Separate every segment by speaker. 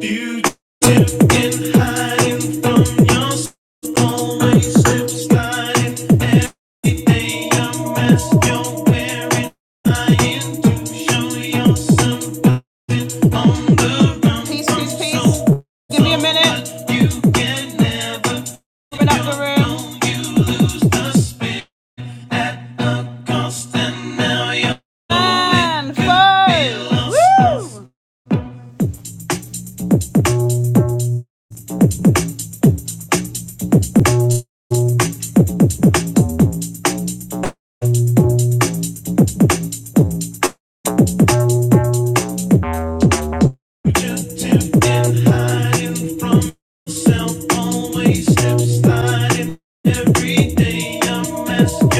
Speaker 1: Peace, peace, peace. Give me a minute. Open up the room. And four. Woo! Always step aside in every day. I'm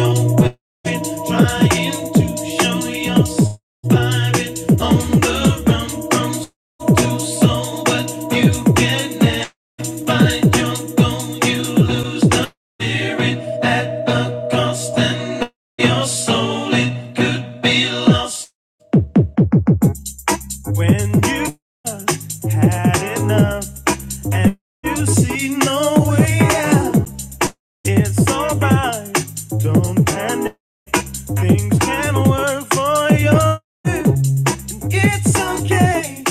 Speaker 1: surviving on the run. So what you find, you're gone. You lose it at a cost. And your soul, it could be lost. When you had enough and you see no way out. It's alright. Don't panic. Things can work for you. It's okay.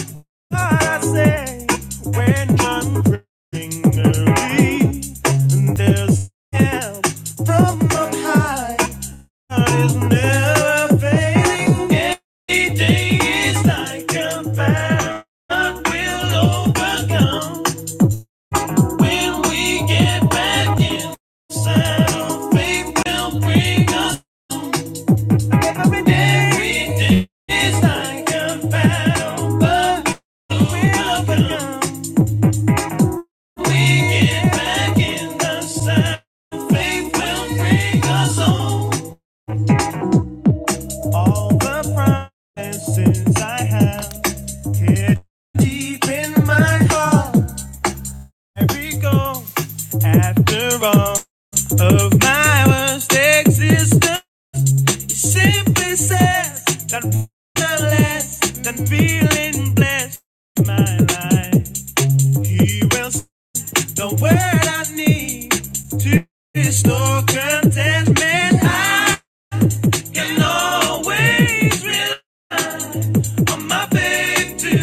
Speaker 1: but I say when I'm feeling weary and there's help from on high. God is never failing. Every day is like a battle. we will overcome. When we get back in faith will bring us every day. Every day is like a bound, but we'll overcome. We get back in faith will bring us home. All the promises I have hid deep in my heart. Every goal, after all of my mistakes it's done. Simply says that the less than feeling blessed in my life. He will s- the word I need to restore contentment. I can always rely on my faith to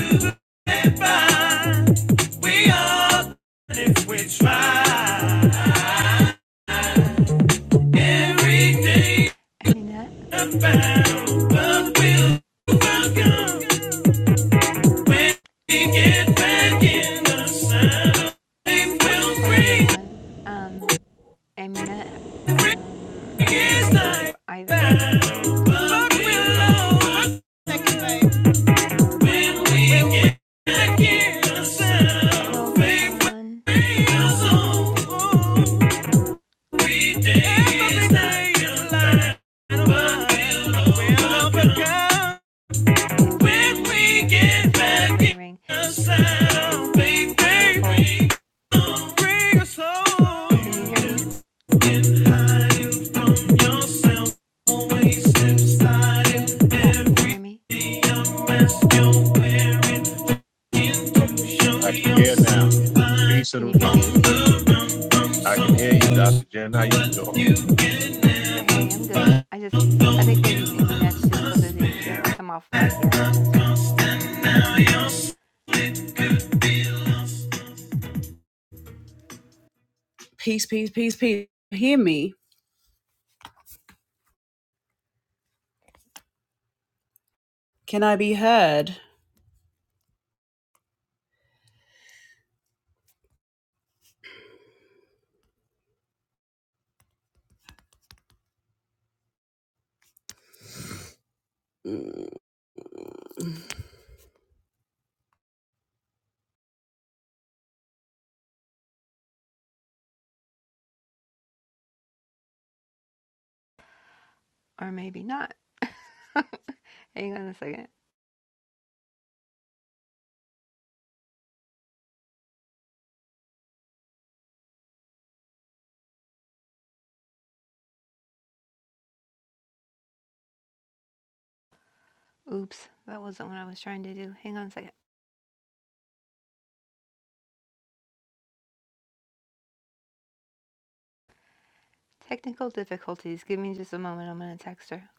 Speaker 1: find. We are if we try. Every day
Speaker 2: Aminette,
Speaker 1: I'm bound, but we'll overcome. When we get back in the saddle, they will
Speaker 2: hello
Speaker 1: bring,
Speaker 2: everyone. Um, Aminette,
Speaker 1: bring
Speaker 2: um, not hearing
Speaker 1: his
Speaker 2: anything e-
Speaker 1: life
Speaker 2: either.
Speaker 1: But we'll always- when we get back in the saddle,
Speaker 2: Hello,
Speaker 1: they will
Speaker 2: Husan.
Speaker 1: bring
Speaker 2: One
Speaker 1: us
Speaker 2: love, Peggy. Good to see you.
Speaker 1: home. We did his life back, but we'll overcome.
Speaker 2: If you can
Speaker 1: When
Speaker 2: hear me,
Speaker 1: we
Speaker 2: yeah, I
Speaker 1: get
Speaker 2: see a little
Speaker 1: back
Speaker 2: gray
Speaker 1: in
Speaker 2: ring.
Speaker 1: the sound,
Speaker 2: Hey,
Speaker 1: baby,
Speaker 2: folk,
Speaker 1: we gon' bring us
Speaker 2: can you
Speaker 1: home.
Speaker 2: hear
Speaker 1: You
Speaker 2: me?
Speaker 1: just get higher from yourself, always excited.
Speaker 2: Folk, can you hear me?
Speaker 1: Everything a mess you're wearing, begin to show
Speaker 3: I can hear now.
Speaker 1: yourself fine.
Speaker 3: Peace to
Speaker 2: Can you
Speaker 3: the.
Speaker 2: hear
Speaker 1: On
Speaker 2: me?
Speaker 1: the
Speaker 3: I can hear you,
Speaker 1: so
Speaker 3: Doctor Jen. How you doing?
Speaker 2: Hey, I'm good. I just, I think maybe Aminette's just so busy and she hasn't come off mic yet. That's why we're not hearing anything,
Speaker 1: so
Speaker 2: or maybe not. Hang on a second. Oops, that wasn't what I was trying to do. Hang on a second. Technical difficulties. Give me just a moment. I'm going to text her.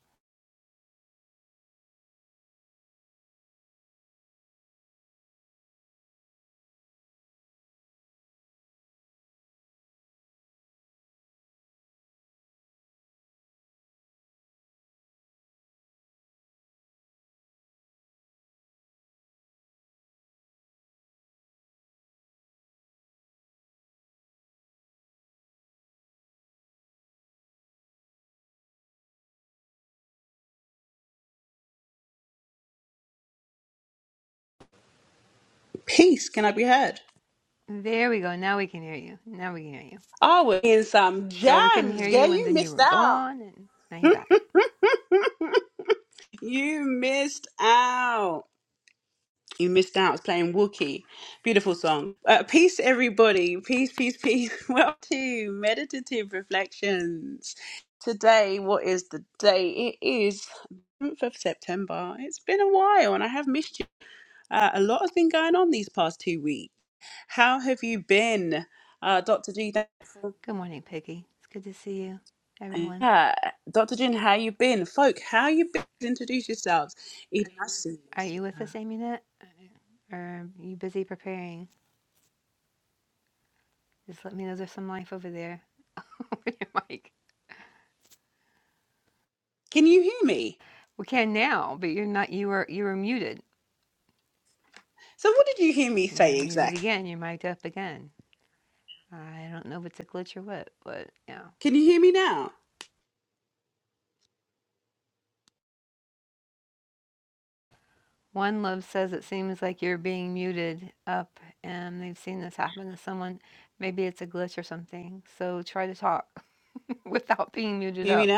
Speaker 2: There we go. Now we can hear you. Now we can hear you.
Speaker 1: Always in some jams.
Speaker 2: Girl, we couldn't hear you, and then you were gone, and now you're back. Good morning, Piggy. It's good to see you, everyone. Are you with us, Amunet? Or are you busy preparing? Just let me know there's some life over there. over your mic. We can now, but you're not. You were you were muted. You're muted again. You're mic'd up again. I don't know if it's a glitch or what, but yeah. One Love says it seems like you're being muted up, and they've seen this happen to someone. Maybe it's a glitch or something. So try to talk without being muted up.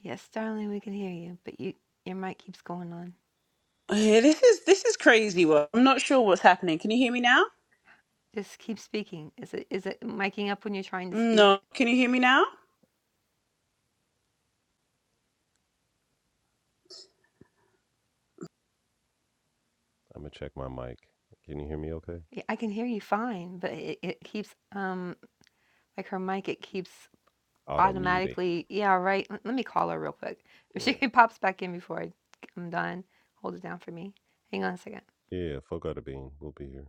Speaker 2: Yes, darling, we can hear you, but you your mic keeps going on. Just keep speaking. Is it is it miking up when you're trying to speak?
Speaker 4: I'm gonna check my mic. Can you hear me okay?
Speaker 2: Yeah, I can hear you fine, but it, it keeps um like her mic it keeps
Speaker 4: Auto muting.
Speaker 2: automatically. Yeah, right. Let, let me call her real quick. If she
Speaker 4: Yeah.
Speaker 2: pops back in before I, I'm done, hold it down for me. Hang on a second.
Speaker 4: Yeah, fuck out of bean. We'll be here.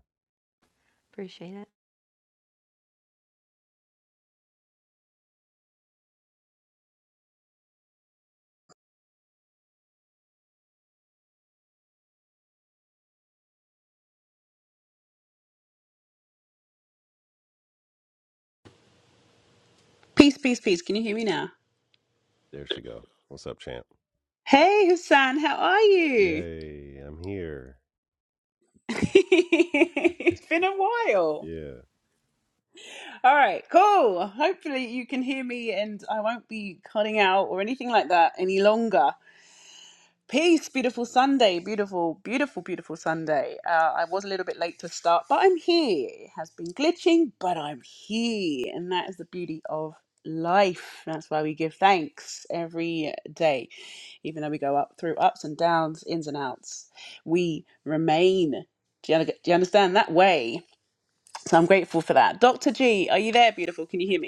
Speaker 2: Appreciate it.
Speaker 4: There she go. What's up, champ? Yay, I'm here. Yeah.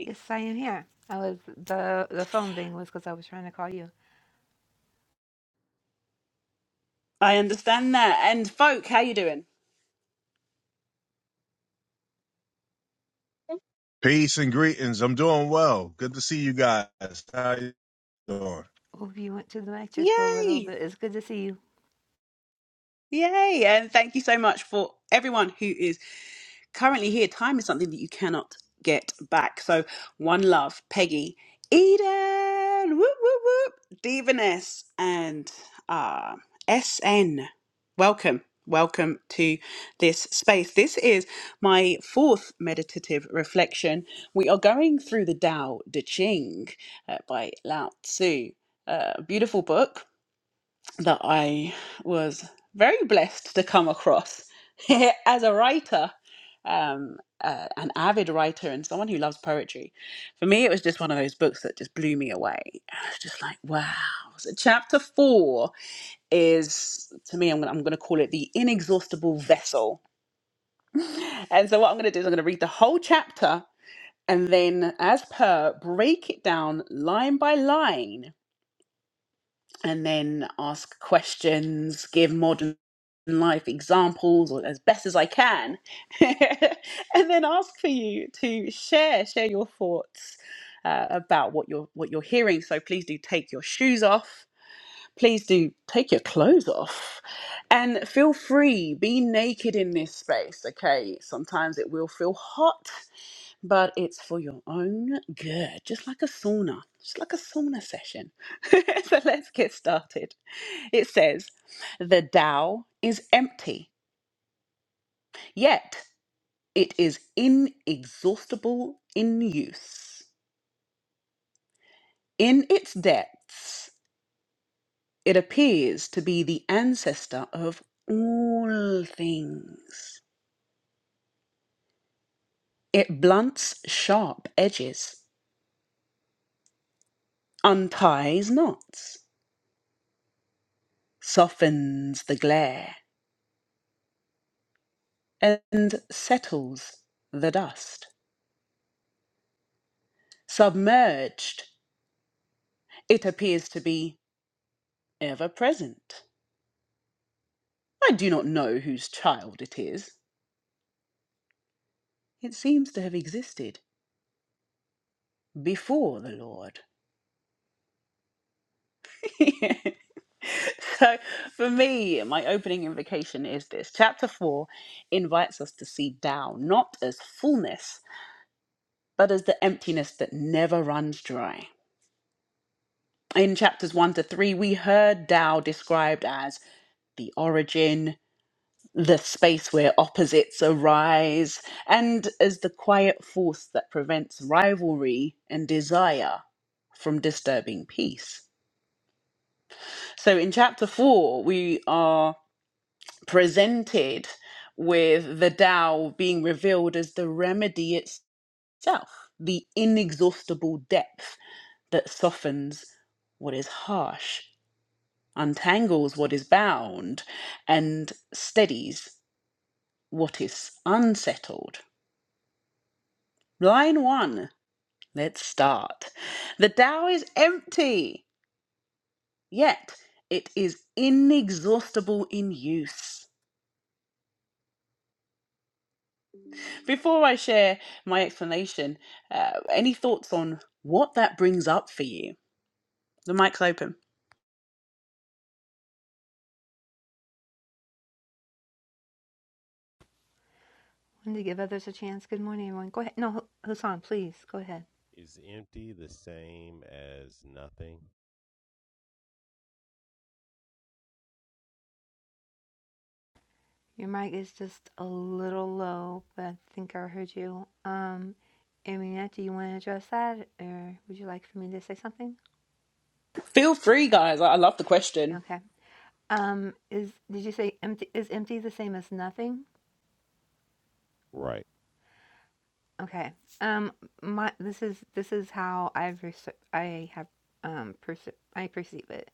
Speaker 2: Yes, I am here. I was the the phone thing was because I was trying to call you.
Speaker 3: Peace and greetings. I'm doing well. Good to see you guys. How you doing?
Speaker 2: Hope you went to the lecture school a little bit. It's good to see you. Wanted to give others a chance. Good morning, everyone. Go ahead. No, Hu- Husan, please go ahead.
Speaker 4: Is empty the same as nothing?
Speaker 2: Your mic is just a little low, but I think I heard you. Um, Aminette, do you want to address that, or would you like for me to say something? Okay. Um, is did you say empty? Is empty the same as nothing?
Speaker 4: Right.
Speaker 2: Okay. Um, my this is this is how I've rece- I have um perce- I perceive it,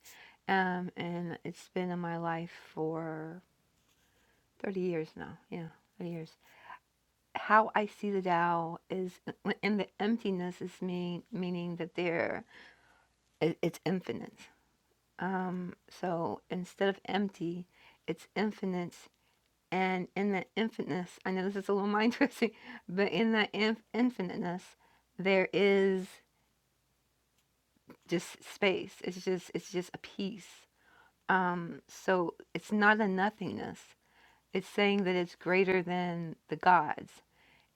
Speaker 2: um, and it's been in my life for thirty years now. Yeah, thirty years. How I see the Tao is, and the emptiness is mean meaning that there it, it's infinite. Um, so instead of empty, it's infinite. And in that infiniteness, I know this is a little mind twisting, but in that inf- infiniteness, there is just space. It's just it's just a piece. Um, so it's not a nothingness. It's saying that it's greater than the gods.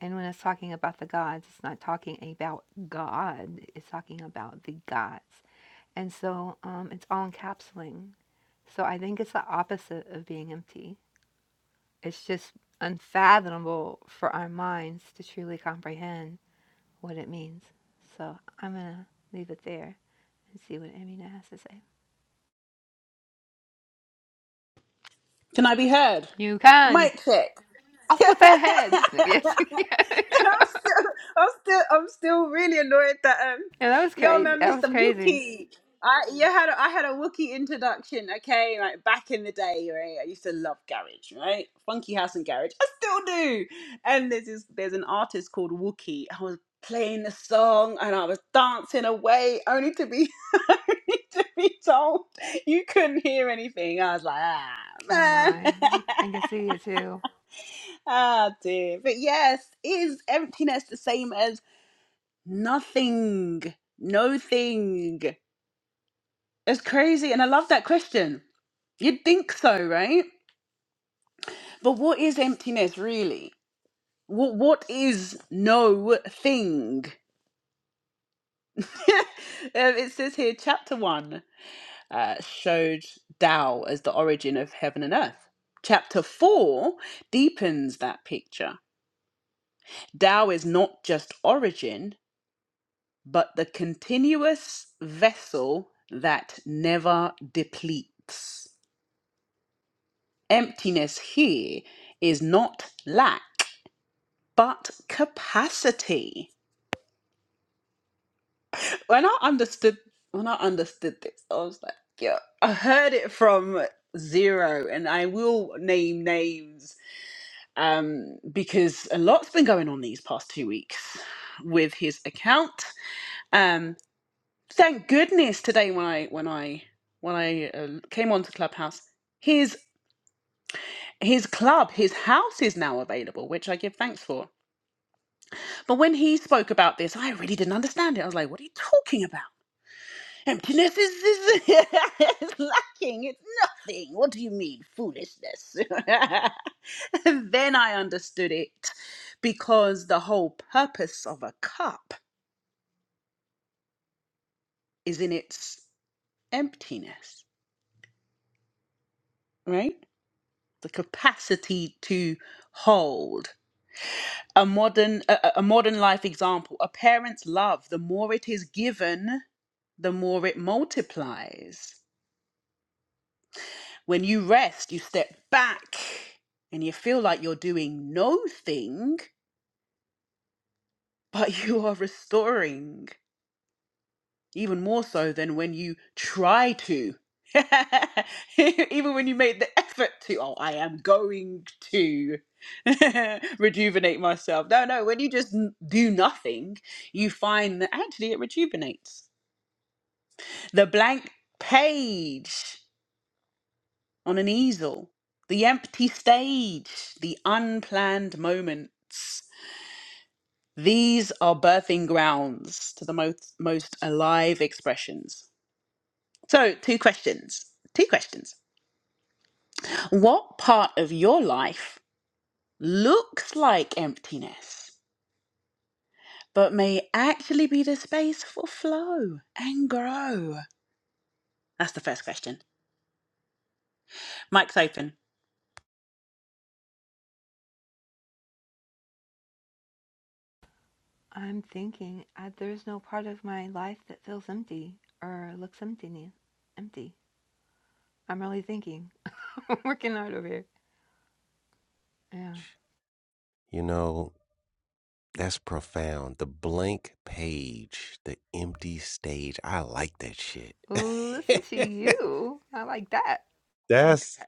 Speaker 2: And when it's talking about the gods, it's not talking about God. It's talking about the gods. And so um, it's all encapsulating. So I think it's the opposite of being empty. It's just unfathomable for our minds to truly comprehend what it means. So I'm gonna leave it there and see what Amina has to say. You can. off with their heads. No, Yes, yeah. that was crazy. That was crazy. Oh my, I can see it too. I'm thinking I, there's no part of my life that feels empty or looks empty. Empty. I'm really thinking. I'm Working hard over here. Yeah.
Speaker 4: You know, that's profound. The blank page, the empty stage. I like that shit.
Speaker 2: Ooh, listen to you. I like that.
Speaker 4: that's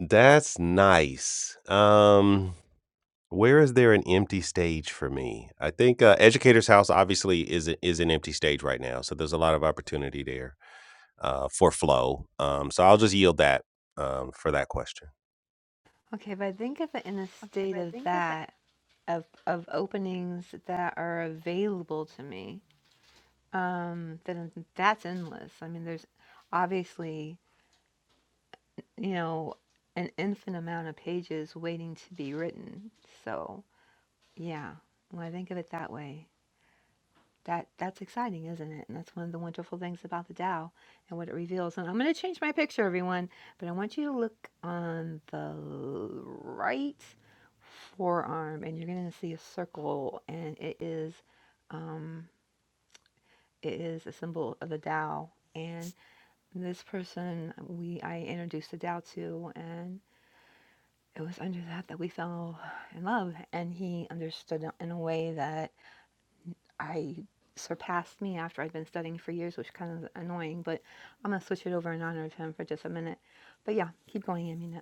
Speaker 4: that's nice. Um Where is there an empty stage for me? I think, uh, Educator's House obviously is a is an empty stage right now, so there's a lot of opportunity there, uh, for flow, um, so I'll just yield that, um, for that question.
Speaker 2: Okay, if I think of it in a state of that of of openings that are available to me, um, then that's endless. I mean, there's obviously you know, an infinite amount of pages waiting to be written. So, yeah, when I think of it that way, that that's exciting, isn't it? And that's one of the wonderful things about the Tao and what it reveals. And I'm going to change my picture, everyone, but I want you to look on the right forearm, and you're going to see a circle, and it is, um, it is a symbol of the Tao. And this person, we I introduced the Tao to, and it was under that that we fell in love and he understood in a way that i surpassed me after i'd been studying for years which kind of annoying but i'm going to switch it over in honor of him for just a minute but yeah keep going i mean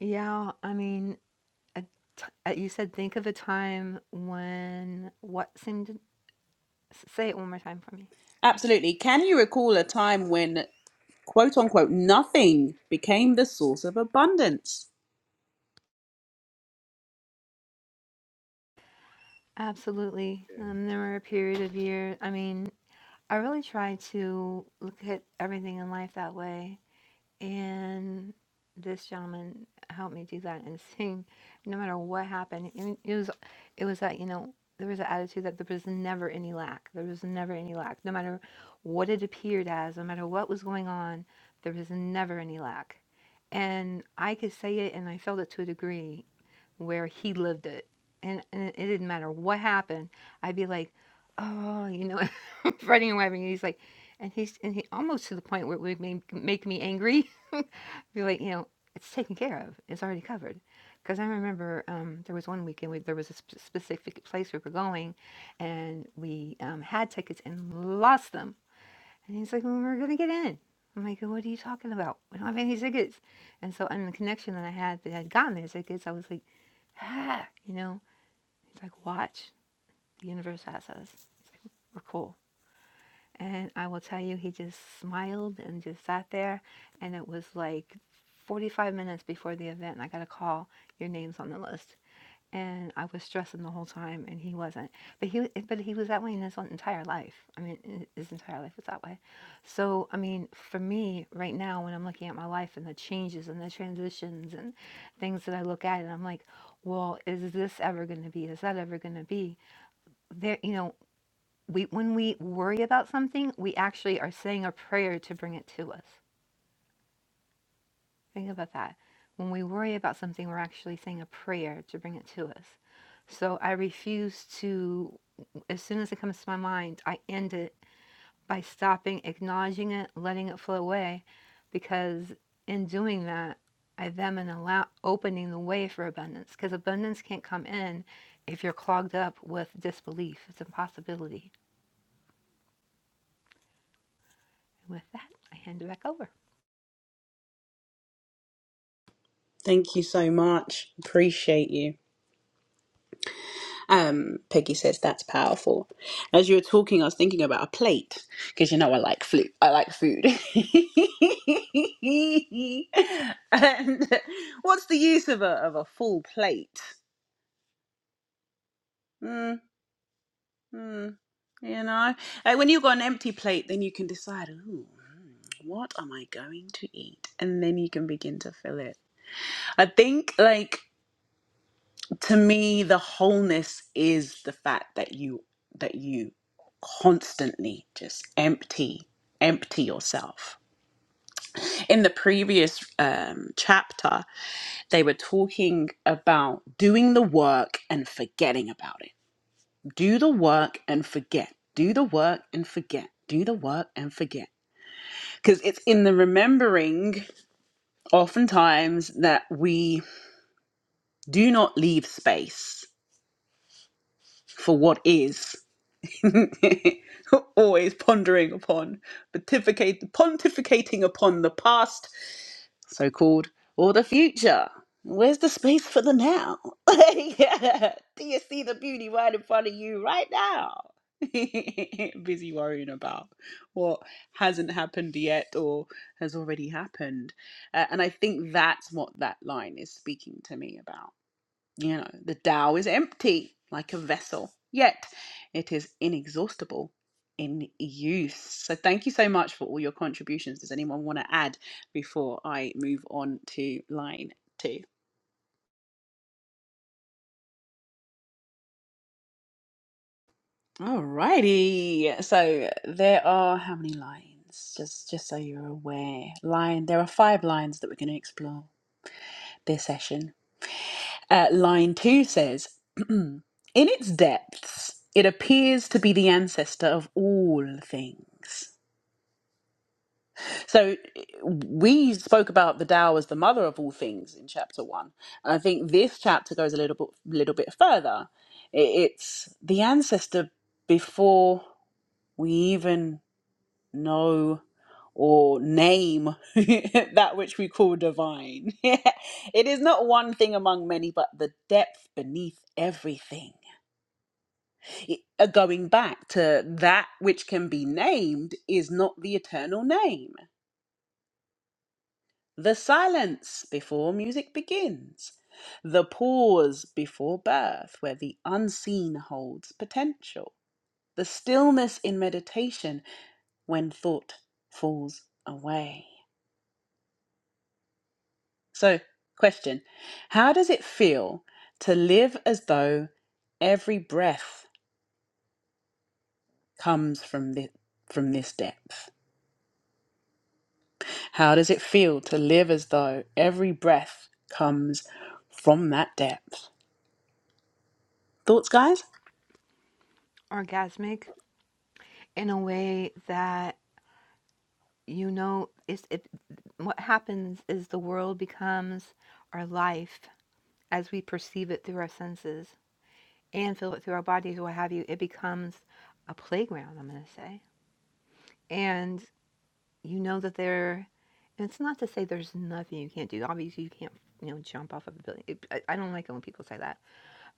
Speaker 2: yeah i mean I, I, you said think of a time when what seemed to, say it one more time for me absolutely um, there were a period of years. i mean i really try to look at everything in life that way and this gentleman helped me do that and sing no matter what happened and it was it was that you know there was an attitude that there was never any lack there was never any lack no matter what it appeared as no matter what was going on there was never any lack and i could say it and i felt it to a degree where he lived it and, and it didn't matter what happened i'd be like oh you know running away and he's like and he's and he almost to the point where it would make, make me angry be like, you know, it's taken care of. It's already covered. Because I remember um, there was one weekend we, there was a sp- specific place we were going, and we um, had tickets and lost them. And he's like, well, "We're gonna get in." I'm like, "What are you talking about? We don't have any tickets." And so, and the connection that I had that had gotten the tickets, I was like, "Ah," you know. He's like, "Watch, the universe has us. It's like, we're cool." And I will tell you, he just smiled and just sat there. And it was like 45 minutes before the event, and I got a call, your name's on the list. And I was stressing the whole time, and he wasn't. But he, but he was that way in his own entire life. I mean, his entire life was that way. So, I mean, for me right now, when I'm looking at my life and the changes and the transitions and things that I look at, and I'm like, well, is this ever going to be? Is that ever going to be? There, you know, we when we worry about something, we actually are saying a prayer to bring it to us. Think about that. When we worry about something, we're actually saying a prayer to bring it to us. So I refuse to as soon as it comes to my mind, I end it by stopping, acknowledging it, letting it flow away because in doing that, I then am allow, opening the way for abundance because abundance can't come in if you're clogged up with disbelief. It's a possibility. With that, I hand it back over. orgasmic in a way that you know is it what happens is the world becomes our life as we perceive it through our senses and feel it through our bodies what have you it becomes a playground i'm going to say and you know that there it's not to say there's nothing you can't do obviously you can't you know jump off of a building it, I, I don't like it when people say that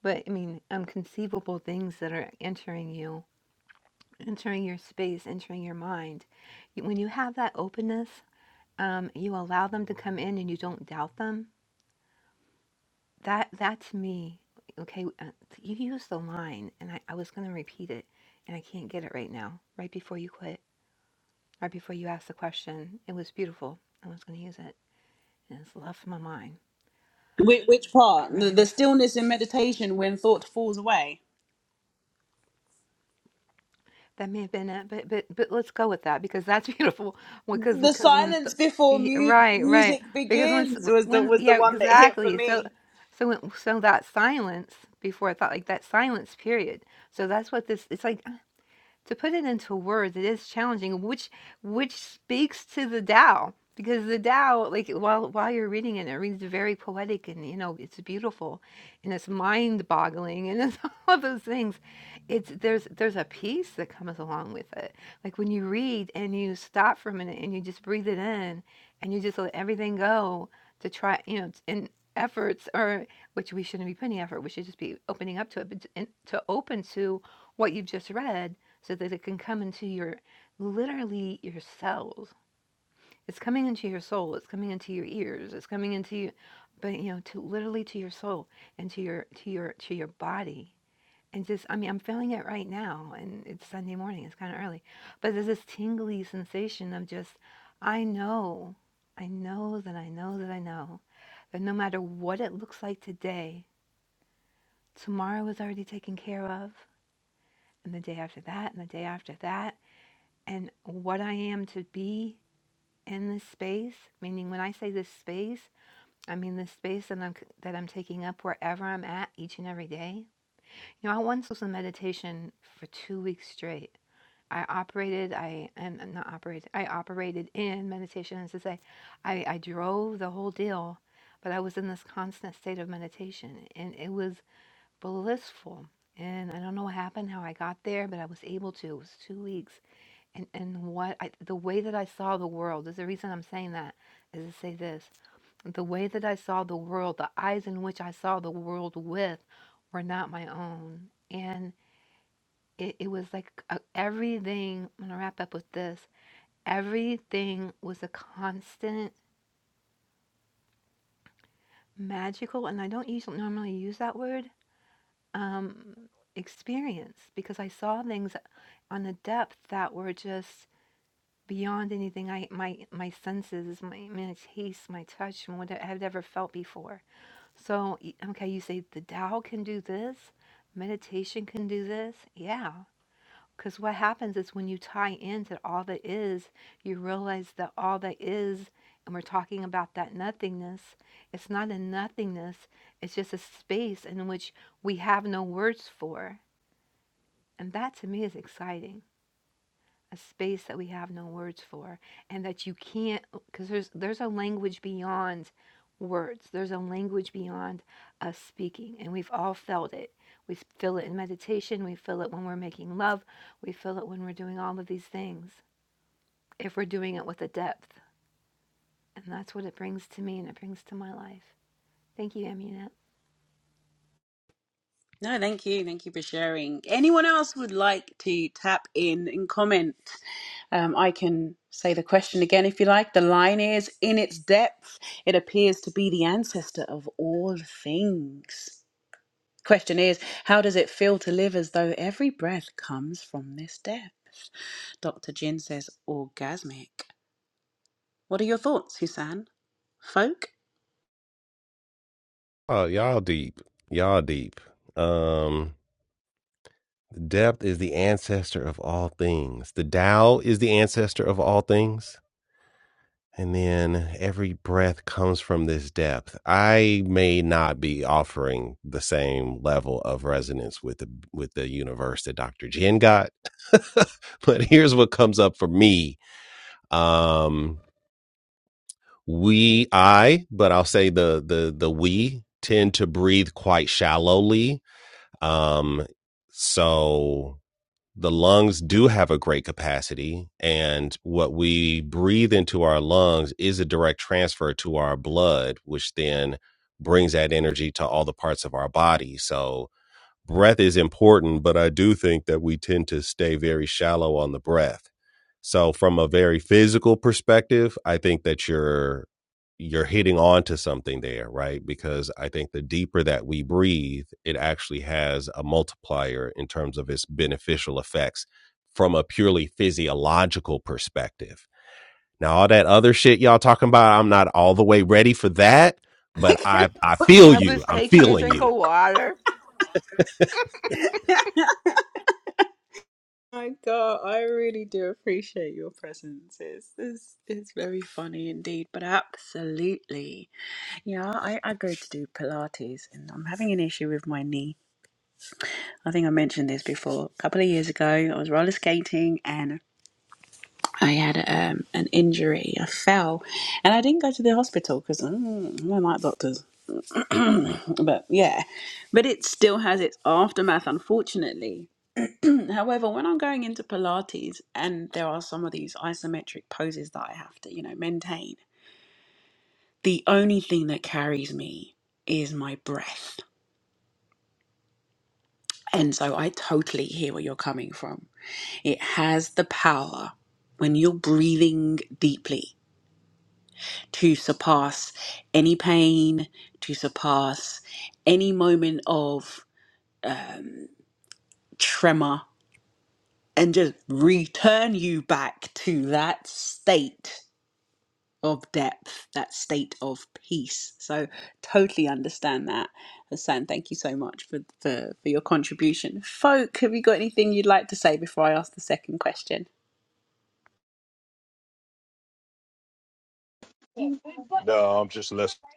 Speaker 2: but i mean unconceivable things that are entering you entering your space, entering your mind. You- When you have that openness, um, you allow them to come in and you don't doubt them. That that's me. Okay, uh, you used the line, and I, I was going to repeat it, and I can't get it right now. Right before you quit, right before you asked the question, it was beautiful. I was going to use it, and it's left my mind. I really wish. That may have been it, but but but let's go with that because that's beautiful. Because because when th- y- right right because when s- when yeah exactly so so when, so that silence before I thought like that silence period. So that's what this. It's like to put it into words, it is challenging, which which speaks to the Tao. Because the Tao, like while while you're reading it, it reads very poetic and you know, it's beautiful and it's mind boggling and it's all of those things. It's there's there's a peace that comes along with it. Like when you read and you stop for a minute and you just breathe it in and you just let everything go to try you know, and efforts or which we shouldn't be putting effort, we should just be opening up to it, but and to open to what you've just read so that it can come into your literally your cells. It's coming into your soul. It's coming into your ears. It's coming into you, but you know, to literally to your soul and to your to your to your body. And just, I mean, I'm feeling it right now, and it's Sunday morning. It's kind of early, but there's this tingly sensation of just, I know, I know that I know that I know that no matter what it looks like today, tomorrow is already taken care of, and the day after that, and the day after that, and what I am to be in this space. Meaning, when I say this space, I mean the space that I'm that I'm taking up wherever I'm at each and every day. You know, I once was in meditation for two weeks straight. I operated, I and and not operated, I operated in meditation. As to say, I, I drove the whole deal, but I was in this constant state of meditation, and it was blissful. And I don't know what happened, how I got there, but I was able to. It was two weeks and and what I, the way that I saw the world is the reason I'm saying that is to say this the way that I saw the world the eyes in which I saw the world with were not my own and it, it was like a, everything I'm gonna wrap up with this everything was a constant magical and I don't usually normally use that word um experience because I saw things on a depth that were just beyond anything I my my senses, my my taste, my touch, and what I have ever felt before. So y- okay, you say the Tao can do this, meditation can do this, yeah. Because what happens is when you tie into all that is, you realize that all that is, and we're talking about that nothingness. It's not a nothingness. It's just a space in which we have no words for, and that to me is exciting a space that we have no words for and that you can't because there's there's a language beyond words there's a language beyond us speaking and we've all felt it we feel it in meditation we feel it when we're making love we feel it when we're doing all of these things if we're doing it with a depth and that's what it brings to me and it brings to my life thank you amunet
Speaker 4: Oh, y'all deep. Y'all deep. Um, depth is the ancestor of all things. The Tao is the ancestor of all things. And then every breath comes from this depth. I may not be offering the same level of resonance with the with the universe that Dr. Jen got, but here's what comes up for me. Um, we, I, but I'll say the the the we tend to breathe quite shallowly. Um, so the lungs do have a great capacity and what we breathe into our lungs is a direct transfer to our blood which then brings that energy to all the parts of our body so breath is important, but I do think that we tend to stay very shallow on the breath. So from a very physical perspective, I think that you're you're hitting on to something there, right? Because I think the deeper that we breathe, it actually has a multiplier in terms of its beneficial effects from a purely physiological perspective. Now all that other shit y'all talking about, I'm not all the way ready for that, but I I feel
Speaker 2: i
Speaker 4: you.
Speaker 2: was
Speaker 4: I'm
Speaker 2: taking a
Speaker 4: feeling
Speaker 2: drink of
Speaker 4: you.
Speaker 2: water
Speaker 3: No, I'm just listening.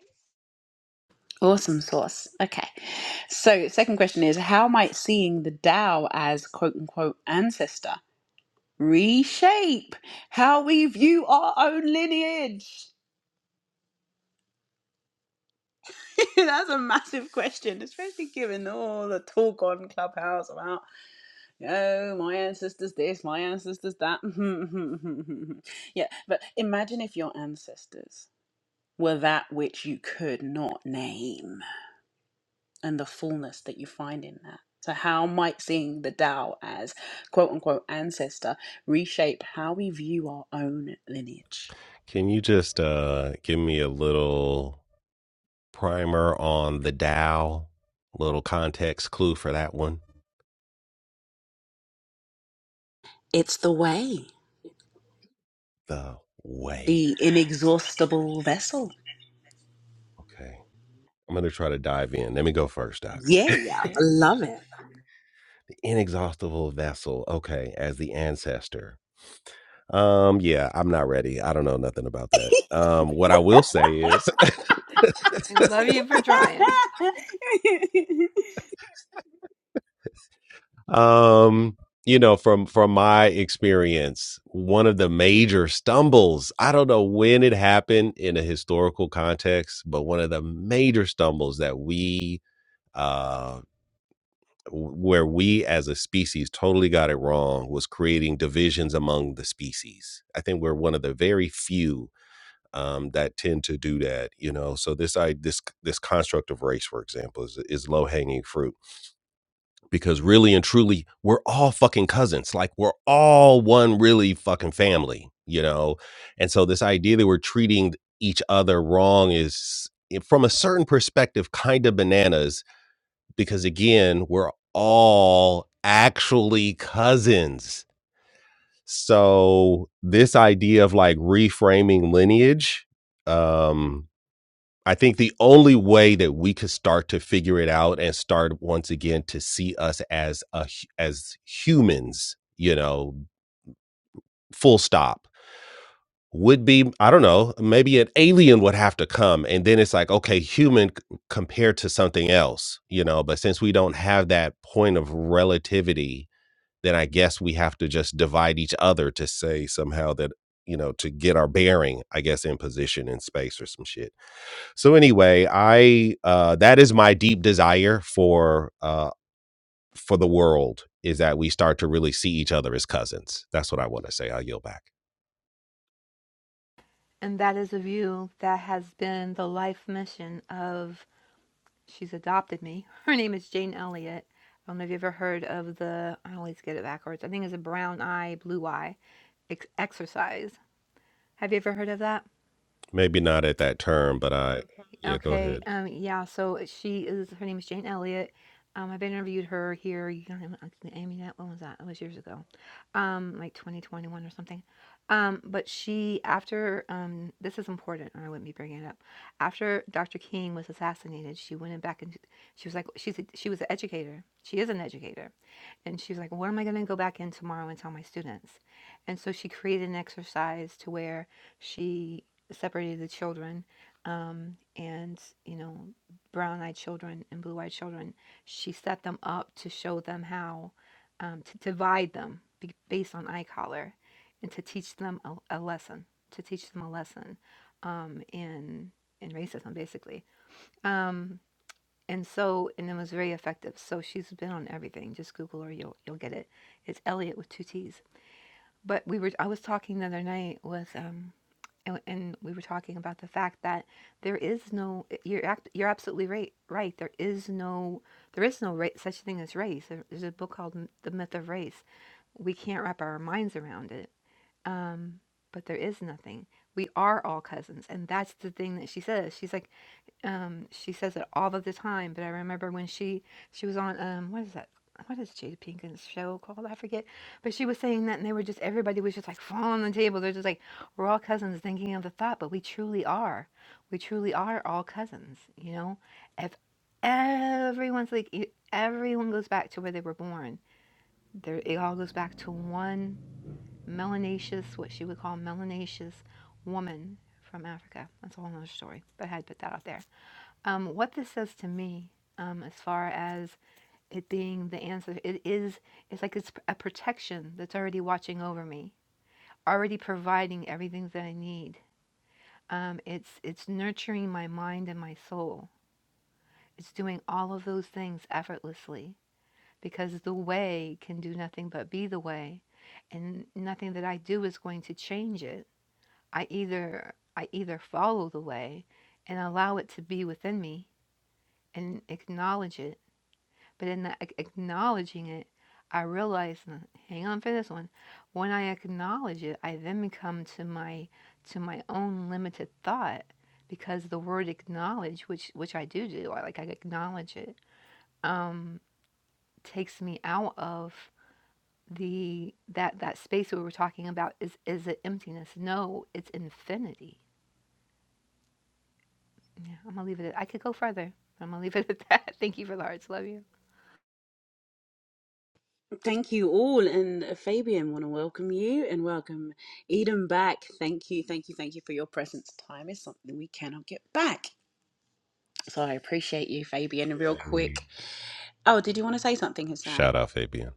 Speaker 4: Can you just uh, give me a little primer on the Dow? Little context clue for that one. The way. Okay. I'm going to try to dive in. Let me go first, Doc. the inexhaustible vessel. Okay. As the ancestor. Um, yeah, I'm not ready. I don't know nothing about that. Um, what I will say is
Speaker 2: i love you for trying
Speaker 4: um you know from from my experience one of the major stumbles i don't know when it happened in a historical context but one of the major stumbles that we uh w- where we as a species totally got it wrong was creating divisions among the species i think we're one of the very few um, that tend to do that you know so this i this this construct of race for example is, is low hanging fruit because really and truly we're all fucking cousins like we're all one really fucking family you know and so this idea that we're treating each other wrong is eh, from a certain perspective kind of bananas because again we're all actually cousins so this idea of like reframing lineage um I think the only way that we could start to figure it out and start once again to see us as a as humans, you know, full stop, would be I don't know, maybe an alien would have to come, and then it's like okay, human c- compared to something else, you know. But since we don't have that point of relativity, then I guess we have to just divide each other to say somehow that you know to get our bearing, I guess, in position in space or some shit. So anyway, I uh, that is my deep desire for uh, for the world is that we start to really see each other as cousins. That's what I want to say. I'll yield back.
Speaker 2: and that is a view that has been the life mission of She's adopted me. Her name is Jane Elliott. I don't know if you've ever heard of the, I always get it backwards. I think it's a brown eye, blue eye ex- exercise. Have you ever heard of that?
Speaker 4: Maybe not at that term, but I yeah. Go
Speaker 2: Okay.
Speaker 4: ahead.
Speaker 2: Um, yeah. So she is, her name is Jane Elliott. Um, I've interviewed her here. You know, I mean, that when was that? It was years ago. Um, like 2021 or something. Um, but she, after, um, this is important, or I wouldn't be bringing it up. After Dr. King was assassinated, she went in back and she was like, she's a, she was an educator. She is an educator And she was like, What am I going to go back in tomorrow and tell my students? And so she created an exercise to where she separated the children um, and, you know, brown eyed children and blue eyed children. She set them up to show them how um, to divide them based on eye color and to teach them a, a lesson, to teach them a lesson um, in, in racism, basically. Um, and so and it was very effective. So she's been on everything. Just Google her, you'll you'll get it. It's Elliot with two T's. But we were I was talking the other night with um and, and we were talking about the fact that there is no eh, you're act, you're absolutely right right there is no there is no ra- such thing as race There- there's a book called the myth of race we can't wrap our minds around it um, but there is nothing we are all cousins and that's the thing that she says she's like um, she says it all of the time. But I remember when she she was on um, what is that? What is Jada Pinkett's show called? I forget. But she was saying that, and they were just everybody was just like falling on the table. They're just like we're all cousins, thinking of the thought, but we truly are. We truly are all cousins. You know, if everyone's like e- everyone goes back to where they were born. There, it all goes back to one melanaceous, what she would call melanaceous woman from Africa. That's a whole nother story, but I had to put that out there. Um, what this says to me, um, as far as it being the answer, it is, it's like it's a protection that's already watching over me, already providing everything that I need. Um, it's, it's nurturing my mind and my soul. It's doing all of those things effortlessly because the way can do nothing but be the way. And nothing that I do is going to change it. I either, I either follow the way and allow it to be within me and acknowledge it But in that acknowledging it, I realize, uh, hang on for this one. When I acknowledge it, I then come to my to my own limited thought because the word acknowledge, which which I do do, I like I acknowledge it, um, takes me out of the that that space we were talking about is is it emptiness? No, it's infinity. Yeah, I'm gonna leave it. At, I could go further. but I'm gonna leave it at that. Thank you for the hearts. Love you.
Speaker 4: Yeah. Hey. Shout out Fabian.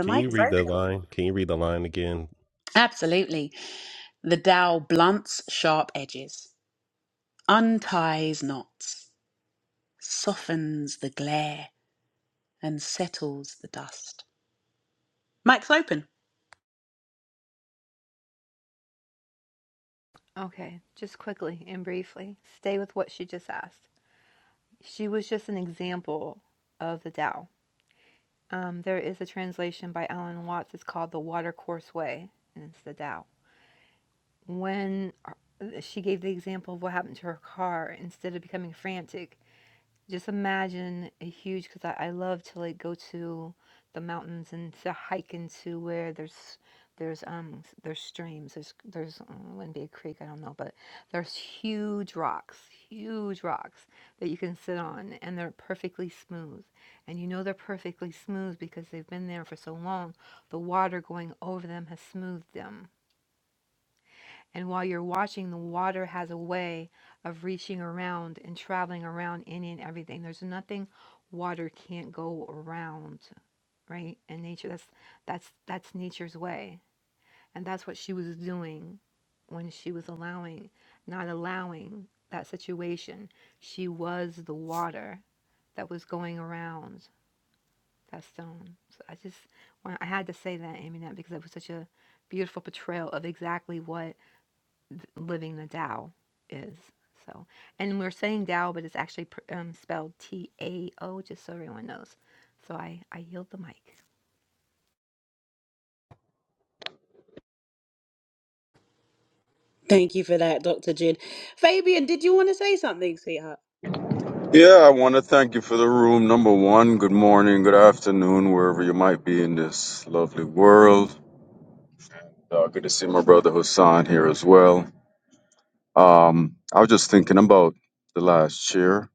Speaker 4: Can you read the line? Can you read the line again?
Speaker 2: Okay, just quickly and briefly, stay with what she just asked. She was just an example of the Tao. Um, there is a translation by Alan Watts. It's called The Watercourse Way, and it's the Tao. When uh, she gave the example of what happened to her car, instead of becoming frantic, just imagine a huge, because I, I love to like go to the mountains and to hike into where there's there's um there's streams there's there's um, wouldn't be a creek I don't know but there's huge rocks huge rocks that you can sit on and they're perfectly smooth and you know they're perfectly smooth because they've been there for so long the water going over them has smoothed them and while you're watching, the water has a way of reaching around and traveling around any and everything. There's nothing water can't go around, right? And nature that's that's that's nature's way. And that's what she was doing when she was allowing, not allowing that situation. She was the water that was going around that stone. So I just, when I had to say that, Amy, that because it was such a beautiful portrayal of exactly what th- living the Tao is. So, and we're saying Tao, but it's actually pr- um, spelled T A O, just so everyone knows. So I I yield the mic.
Speaker 5: Yeah, I want to thank you for the room. Number one, good morning, good afternoon, wherever you might be in this lovely world. Uh, good to see my brother Hassan here as well. Um, I was just thinking about the last year,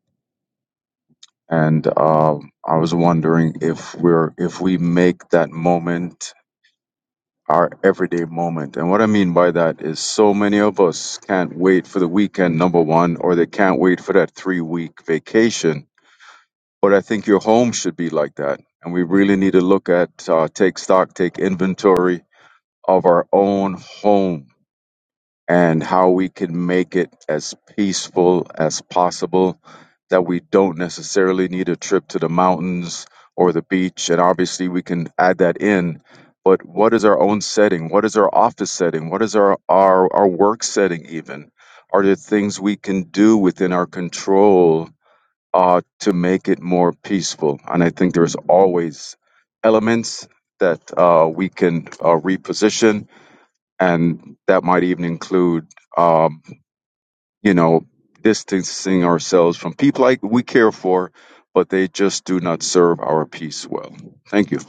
Speaker 5: and uh, I was wondering if we're if we make that moment our everyday moment. And what I mean by that is, so many of us can't wait for the weekend. Number one, or they can't wait for that three week vacation But I think your home should be like that. And we really need to look at, uh, take stock, take inventory of our own home and how we can make it as peaceful as possible. That we don't necessarily need a trip to the mountains or the beach. And obviously, we can add that in. But what is our own setting? What is our office setting? What is our, our, our work setting, even? Are there things we can do within our control uh, to make it more peaceful. And I think there's always elements that uh, we can uh, reposition, and that might even include, um, you know, distancing ourselves from people like we care for, but they just do not serve our peace well. Thank you.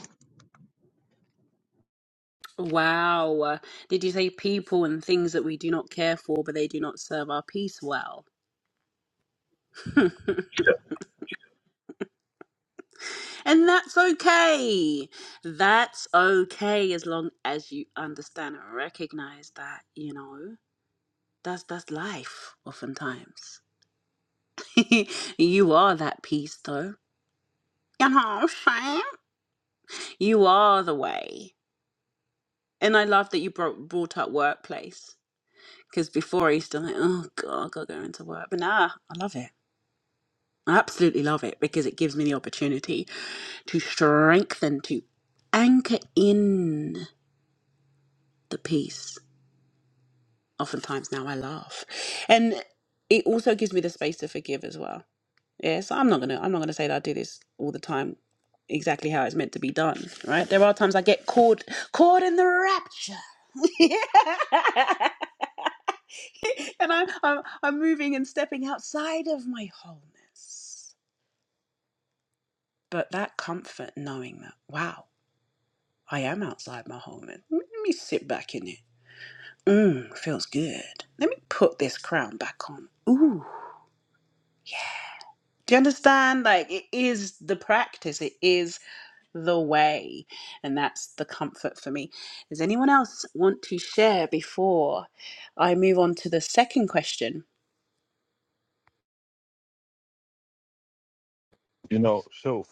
Speaker 3: You know, so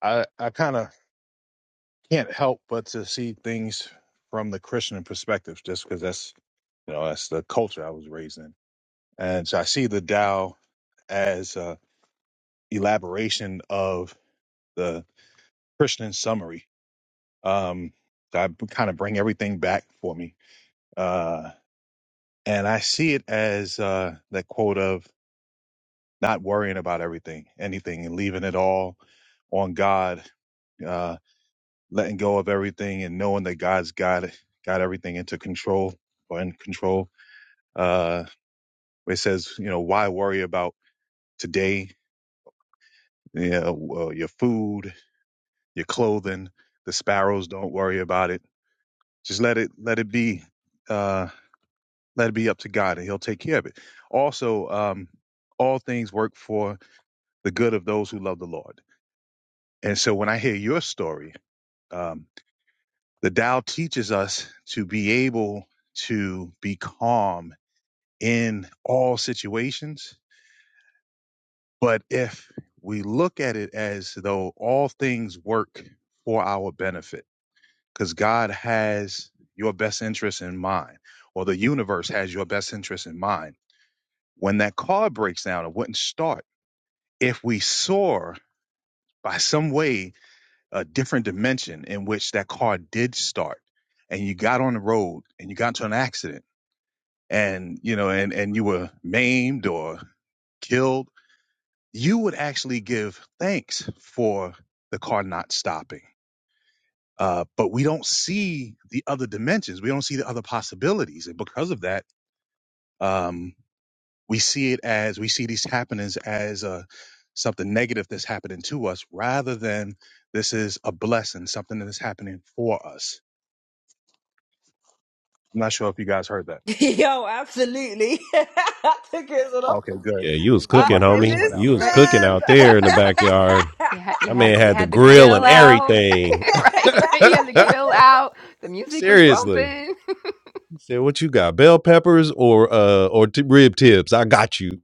Speaker 3: I I kind of can't help but to see things from the Christian perspective, just because that's you know that's the culture I was raised in, and so I see the Tao as a elaboration of the Christian summary. Um, I kind of bring everything back for me. Uh, And I see it as uh, that quote of not worrying about everything, anything, and leaving it all on God, uh, letting go of everything, and knowing that God's got got everything into control or in control. Uh, it says, you know, why worry about today? You know, uh, your food, your clothing, the sparrows. Don't worry about it. Just let it let it be. Uh, let it be up to God, and He'll take care of it. Also, um, all things work for the good of those who love the Lord. And so when I hear your story, um, the Tao teaches us to be able to be calm in all situations. But if we look at it as though all things work for our benefit, because God has your best interest in mind, or the universe has your best interest in mind, when that car breaks down, it wouldn't start. If we soar by some way a different dimension in which that car did start and you got on the road and you got into an accident and you know and and you were maimed or killed you would actually give thanks for the car not stopping uh, but we don't see the other dimensions we don't see the other possibilities and because of that um, we see it as we see these happenings as uh, something negative that's happening to us rather than this is a blessing something that is happening for us I'm not sure if you guys heard that. Okay, good.
Speaker 4: Yeah, you was
Speaker 3: So my
Speaker 4: cooking,
Speaker 3: service
Speaker 4: homie.
Speaker 3: went
Speaker 4: You
Speaker 3: out.
Speaker 4: was
Speaker 2: Right.
Speaker 4: cooking out there in the backyard.
Speaker 2: you had you
Speaker 4: I
Speaker 2: had
Speaker 4: man
Speaker 2: you
Speaker 4: had the
Speaker 2: had the
Speaker 4: grill
Speaker 2: grill
Speaker 4: and
Speaker 2: out.
Speaker 4: everything.
Speaker 2: right, right. You had the grill out. The music was
Speaker 4: Seriously.
Speaker 2: bumping.
Speaker 4: Said, "What you got? Bell peppers or uh or t- rib tips? I got you."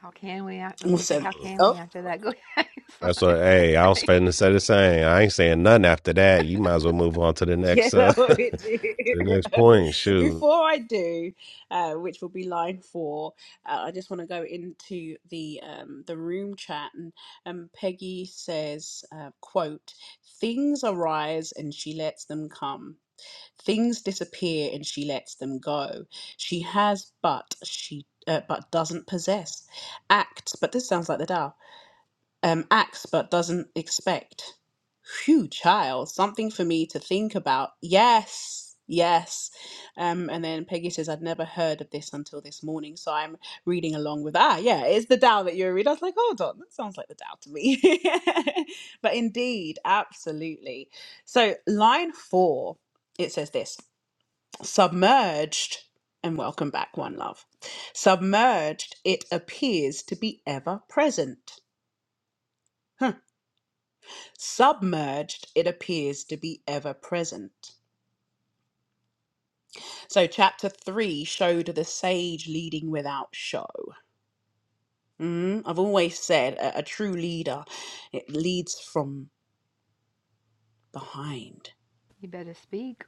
Speaker 2: how can we? I was gonna say, how can we after that? Go ahead. It's
Speaker 4: That's
Speaker 2: fine.
Speaker 4: what. Hey, I was
Speaker 2: right.
Speaker 4: finna say the same. I ain't saying nothing after that. You might as well move on to the next uh to the next point. Shoot,
Speaker 2: You better speak.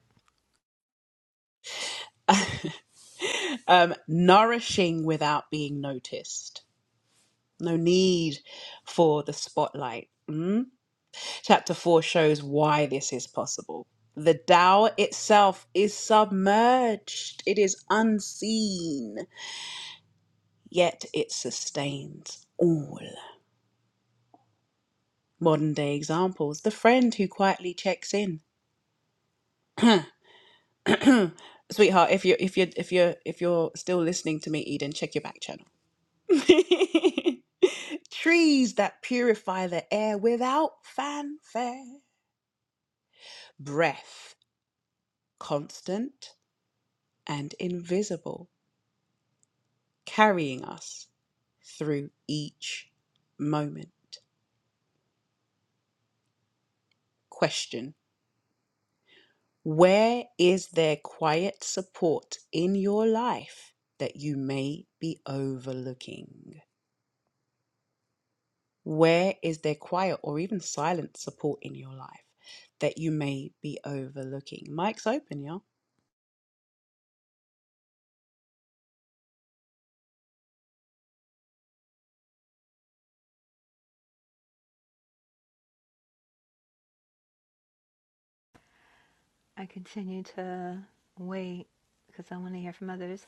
Speaker 2: I continue to wait because I want to hear from others.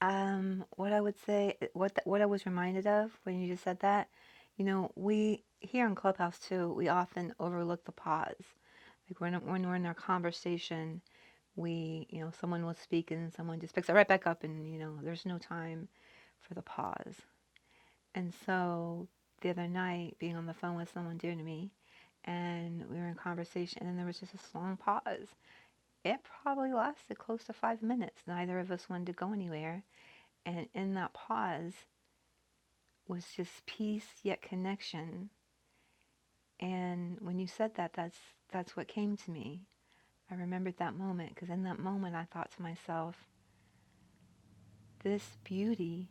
Speaker 2: Um, what I would say, what th- what I was reminded of when you just said that, you know, we here in Clubhouse too, we often overlook the pause. Like when when we're in our conversation, we, you know, someone will speak and someone just picks it right back up, and you know, there's no time for the pause. And so the other night, being on the phone with someone dear to me, and we were in conversation, and then there was just this long pause. It probably lasted close to five minutes. Neither of us wanted to go anywhere. And in that pause, was just peace yet connection. And when you said that, that's that's what came to me. I remembered that moment because in that moment I thought to myself, this beauty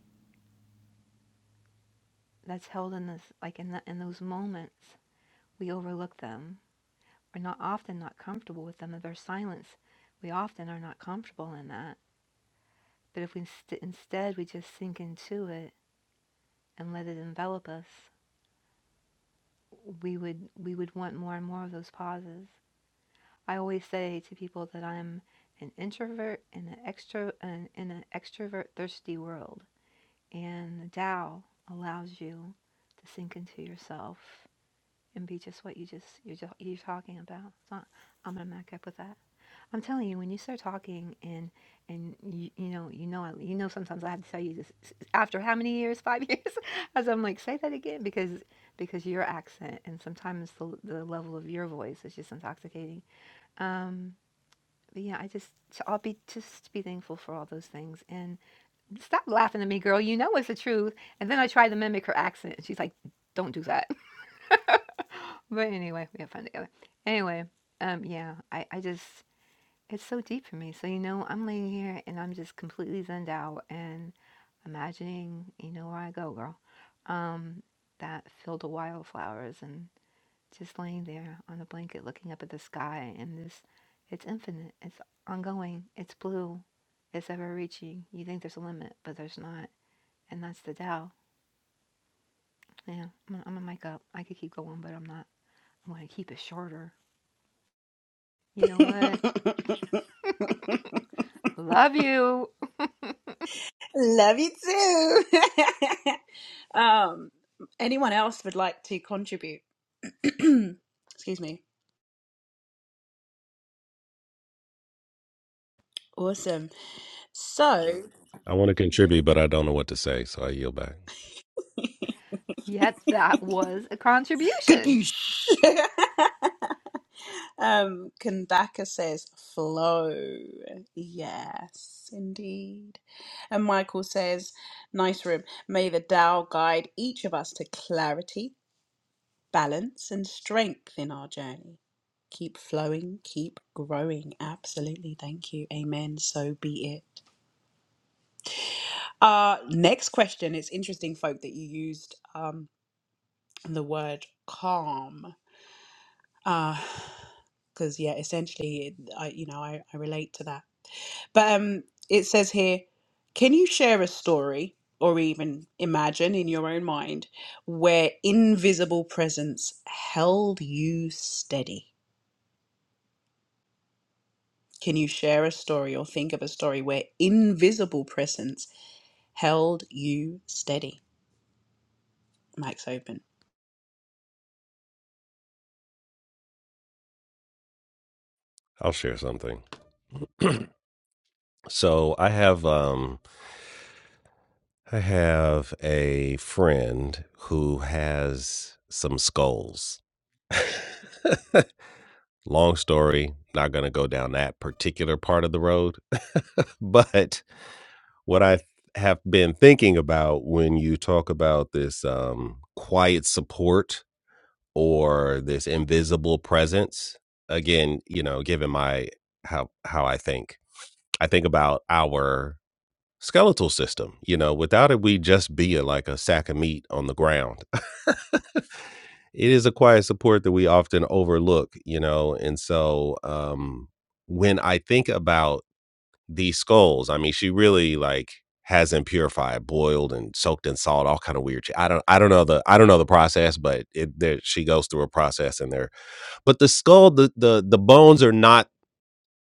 Speaker 2: that's held in this like in the, in those moments, we overlook them. We're not often not comfortable with them. Of our silence, we often are not comfortable in that. But if we st- instead we just sink into it and let it envelop us, we would we would want more and more of those pauses. I always say to people that I'm an introvert in an extro in an extrovert thirsty world, and Tao allows you to sink into yourself and be just what you just you're just, you're talking about. So I'm gonna back up with that. I'm telling you, when you start talking and and you, you know you know you know sometimes I have to tell you this after how many years five years as I'm like say that again because because your accent and sometimes the, the level of your voice is just intoxicating. Um, but yeah, I just so I'll be just be thankful for all those things and stop laughing at me, girl. You know it's the truth. And then I tried to mimic her accent, and she's like, "Don't do that." but anyway, we had fun together. Anyway, um, yeah, I I just it's so deep for me. So you know, I'm laying here and I'm just completely zoned out and imagining, you know, where I go, girl. Um, that field of wildflowers and just laying there on a blanket looking up at the sky and this it's infinite it's ongoing it's blue it's ever reaching you think there's a limit but there's not and that's the Tao. yeah i'm gonna, i mic up i could keep going but i'm not i'm gonna keep it shorter you know what love you
Speaker 4: I want to contribute, but I don't know what to say, so I yield back.
Speaker 2: yet that was a contribution
Speaker 4: I'll share something. So I have um I have a friend who has some skulls. Long story. Not gonna go down that particular part of the road, but what I th- have been thinking about when you talk about this um, quiet support or this invisible presence. Again, you know, given my how how I think, I think about our skeletal system. You know, without it, we just be a, like a sack of meat on the ground. it is a quiet support that we often overlook. You know, and so um, when I think about these skulls. I mean, she really like has them purified, boiled, and soaked in salt, all kind of weird. shit. I don't, I don't know the, I don't know the process, but it, there, she goes through a process in there. But the skull, the, the, the bones are not,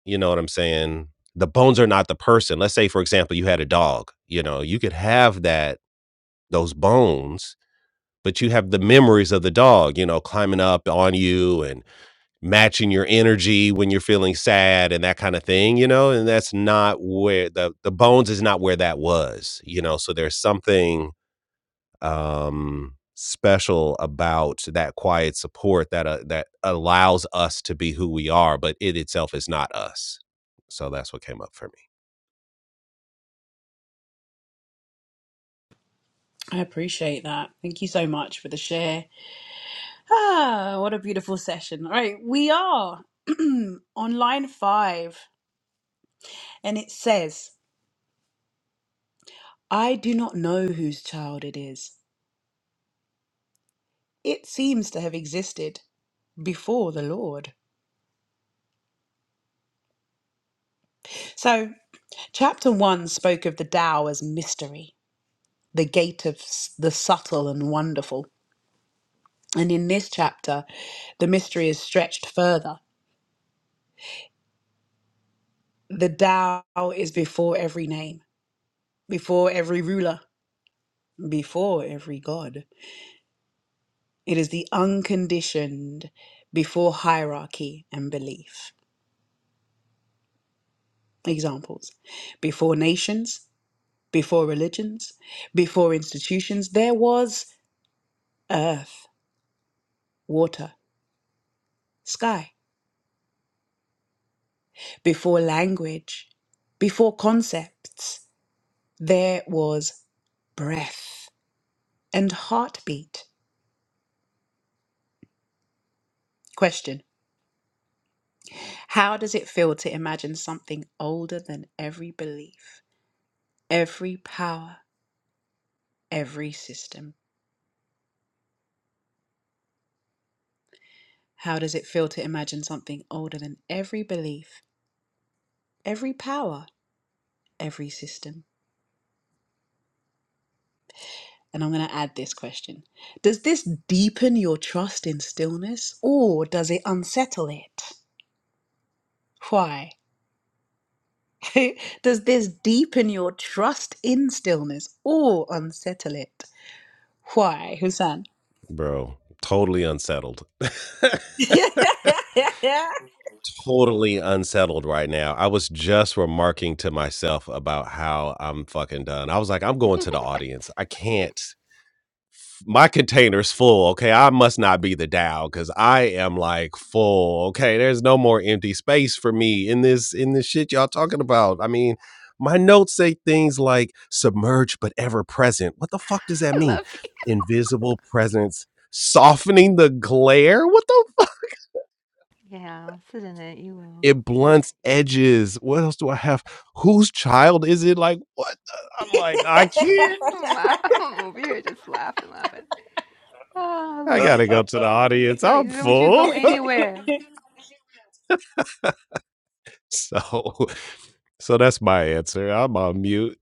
Speaker 4: you know what I'm saying. The bones are not the person. Let's say, for example, you had a dog. You know, you could have that those bones, but you have the memories of the dog. You know, climbing up on you and matching your energy when you're feeling sad and that kind of thing, you know, and that's not where the the bones is not where that was, you know. So there's something um special about that quiet support that uh, that allows us to be who we are, but it itself is not us. So that's what came up for me. Bro, totally unsettled. totally unsettled right now. I was just remarking to myself about how I'm fucking done. I was like, I'm going to the audience. I can't. My container's full. Okay. I must not be the Dow because I am like full. Okay. There's no more empty space for me in this in this shit y'all talking about. I mean, my notes say things like submerged but ever present. What the fuck does that
Speaker 2: i
Speaker 4: mean?
Speaker 2: love you
Speaker 4: Invisible presence softening the glare. What the
Speaker 2: yeah sit in it you will
Speaker 4: It blunts edges. What else do I have? Whose child is it? Like, what? the- I'm like, I can't.
Speaker 2: i'm, laugh- I'm over here just laughing laughing oh
Speaker 4: I
Speaker 2: lord
Speaker 4: gotta go to the audience. I'm
Speaker 2: don't don't you
Speaker 4: full.
Speaker 2: go anywhere
Speaker 4: So, so that's my answer. I'm on mute.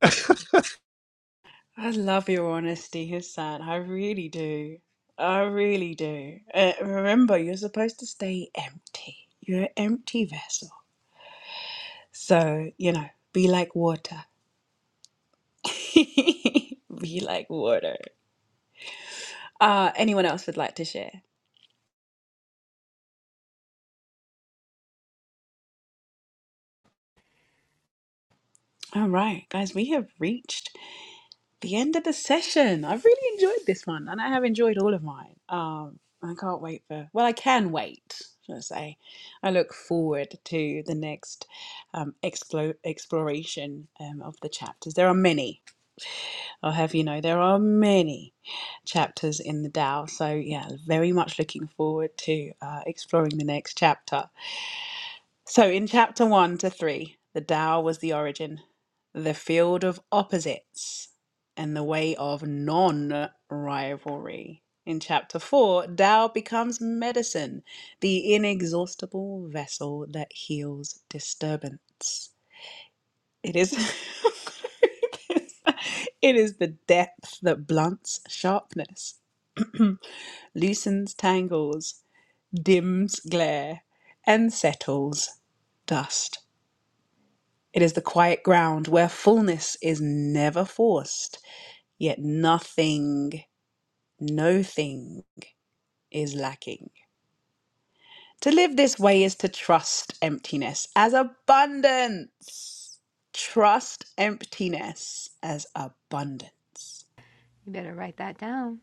Speaker 2: you better write that down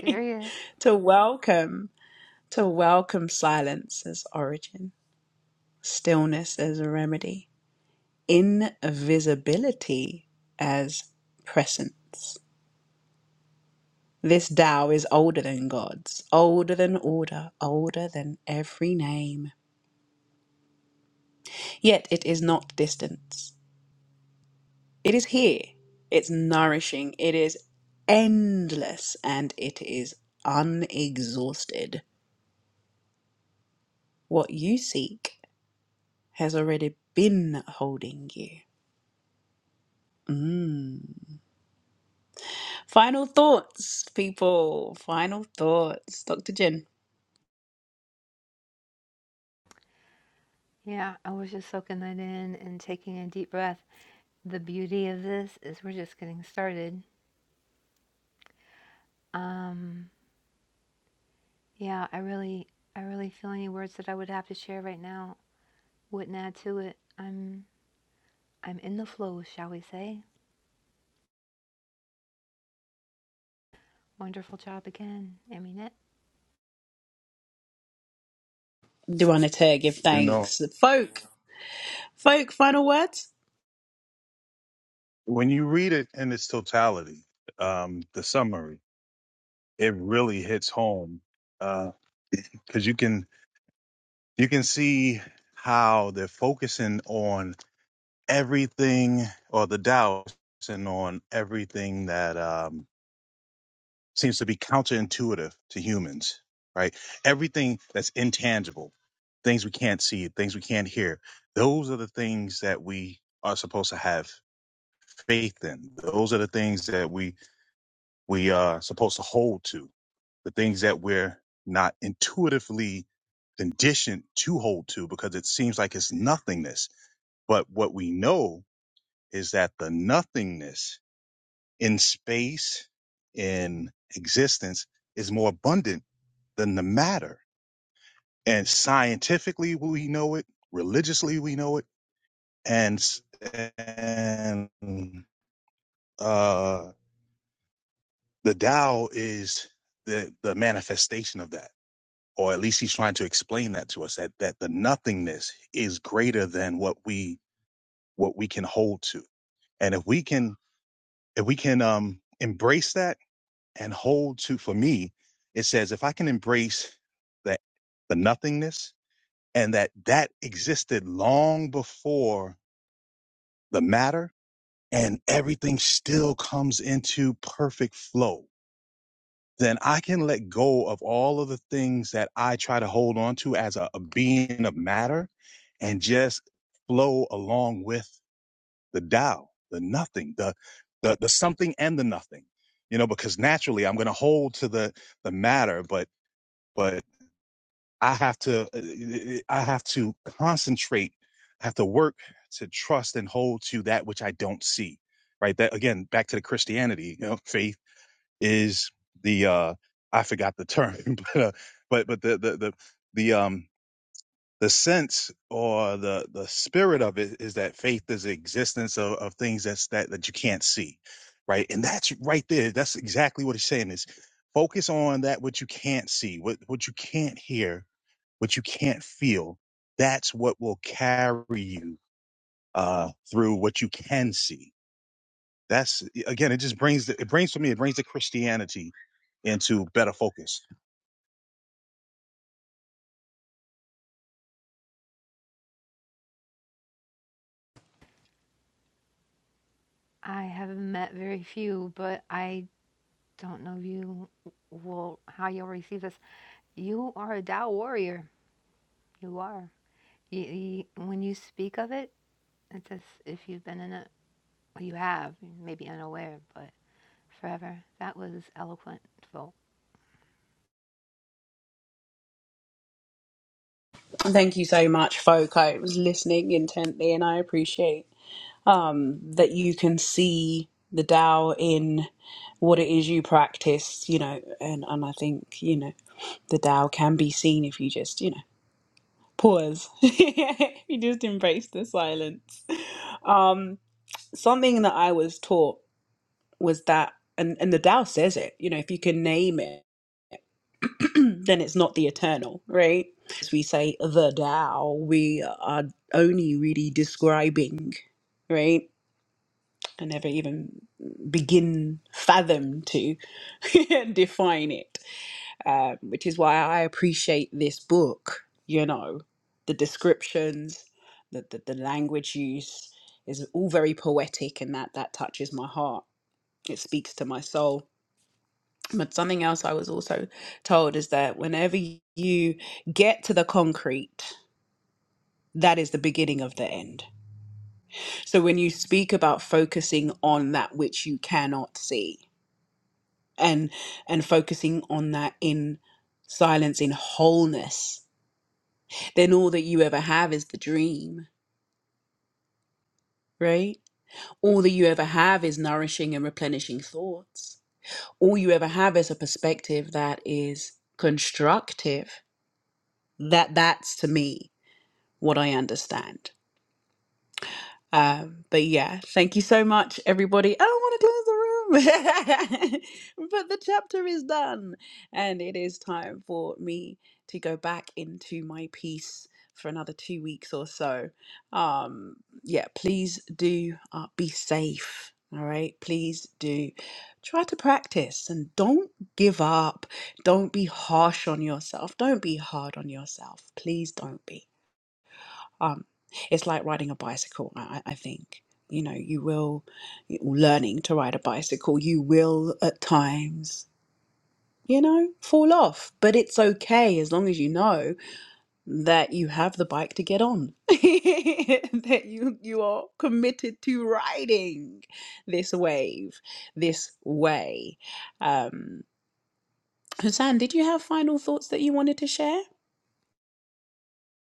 Speaker 2: Serious. Yeah, I was just soaking that in and taking a deep breath. The beauty of this is we're just getting started. Um, yeah, I really I really feel any words that I would have to share right now wouldn't add to it. I'm I'm in the flow, shall we say. Wonderful job again, Aminette.
Speaker 3: You know, when you read it in its totality, um, the summary, it really hits home because you can you can see how they're focusing on everything or the doubt and on everything that um, seems to be counterintuitive to humans, right? Everything that's intangible, things we can't see, things we can't hear, those are the things that we are supposed to have faith in. Those are the things that we we are supposed to hold to. The things that we're not intuitively conditioned to hold to because it seems like it's nothingness. But what we know is that the nothingness in space, in existence, is more abundant than the matter. And scientifically, we know it. Religiously, we know it. And s- and uh, the Tao is the the manifestation of that, or at least he's trying to explain that to us that that the nothingness is greater than what we what we can hold to. And if we can if we can um, embrace that and hold to for me it says if i can embrace that the nothingness and that that existed long before the matter and everything still comes into perfect flow then i can let go of all of the things that i try to hold on to as a, a being of matter and just flow along with the Tao, the nothing the the, the something and the nothing you know because naturally i'm going to hold to the the matter but but I have to uh, eh, eh, I have to concentrate. I have to work to trust and hold to that which I don't see. Right. That again, back to the Christianity. You know, faith is the uh I forgot the term, but uh, but but the the the the um the sense or the the spirit of it is that faith is the existence of, of things that's that that you can't see right and that's right there that's exactly what he's saying is focus on that what you can't see what what you can't hear what you can't feel that's what will carry you uh through what you can see that's again it just brings the, it brings for me it brings the christianity into better focus
Speaker 2: I have met very few, but I don't know if you will how you'll receive this. You are a Tao warrior. You are. You, you, when you speak of it, it's as if you've been in a you have, maybe unaware, but forever. That was eloquent.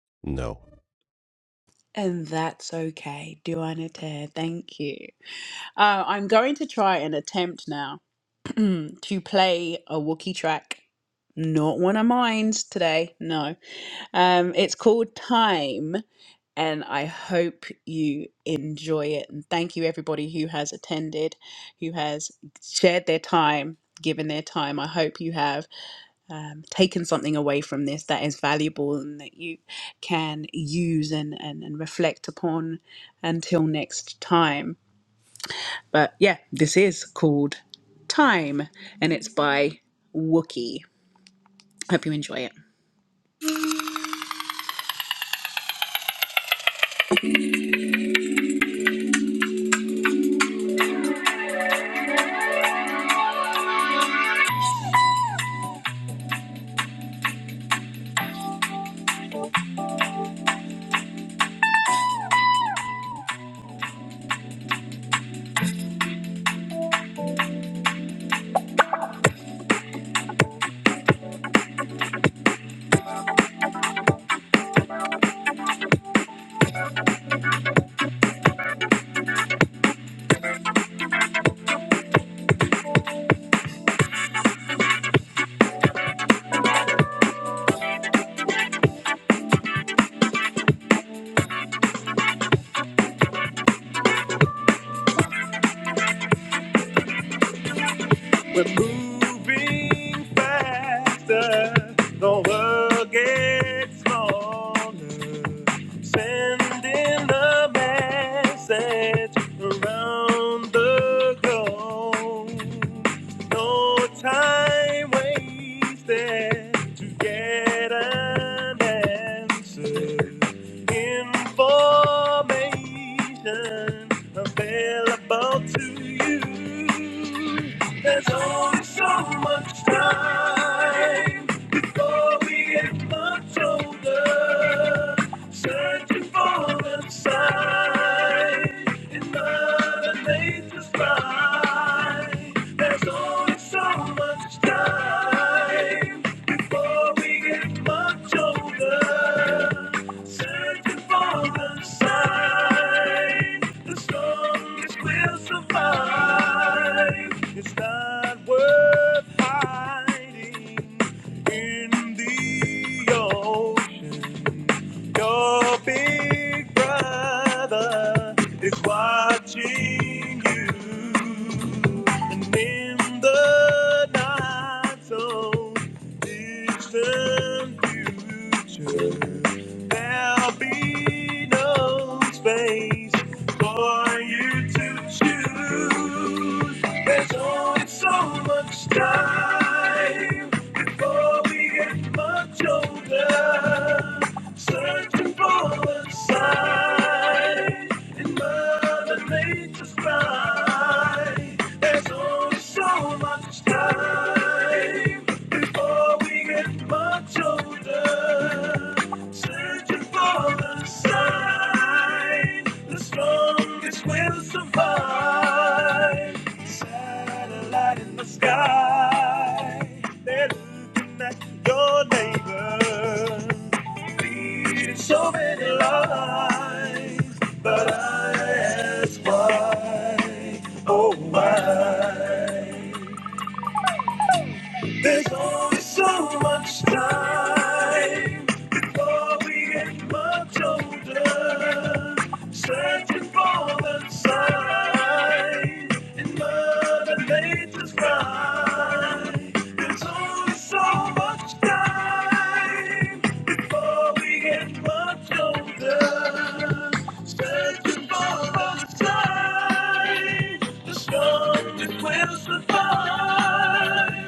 Speaker 4: No.
Speaker 1: We're moving faster, the world gets smaller. Sending the message around the globe. No time wasted to get an answer. Information available to you. There's only so much time before we have much older. Searching for the sign in Mother Nature's mind. There's only so much time before we get much older. Searching for the sign, the strongest will survive. It's not worth hiding in the ocean. Your big brother is watching you, and in the not so distant future, there'll be no space for you to choose. There's only so much time before we get much older. Searching for a sign in Mother Nature's cry. There's only so much time before we get much older. Searching for a sign, the strongest will survive. Satellite in the sky, they're looking at your neighbor. Lead so many lives, but I ask why, oh why? There's only so much time before we get much older. Searching for the sign in Mother Nature's mind. There's only so much time before we get much older. Searching for the sign, the storm strongest will survive.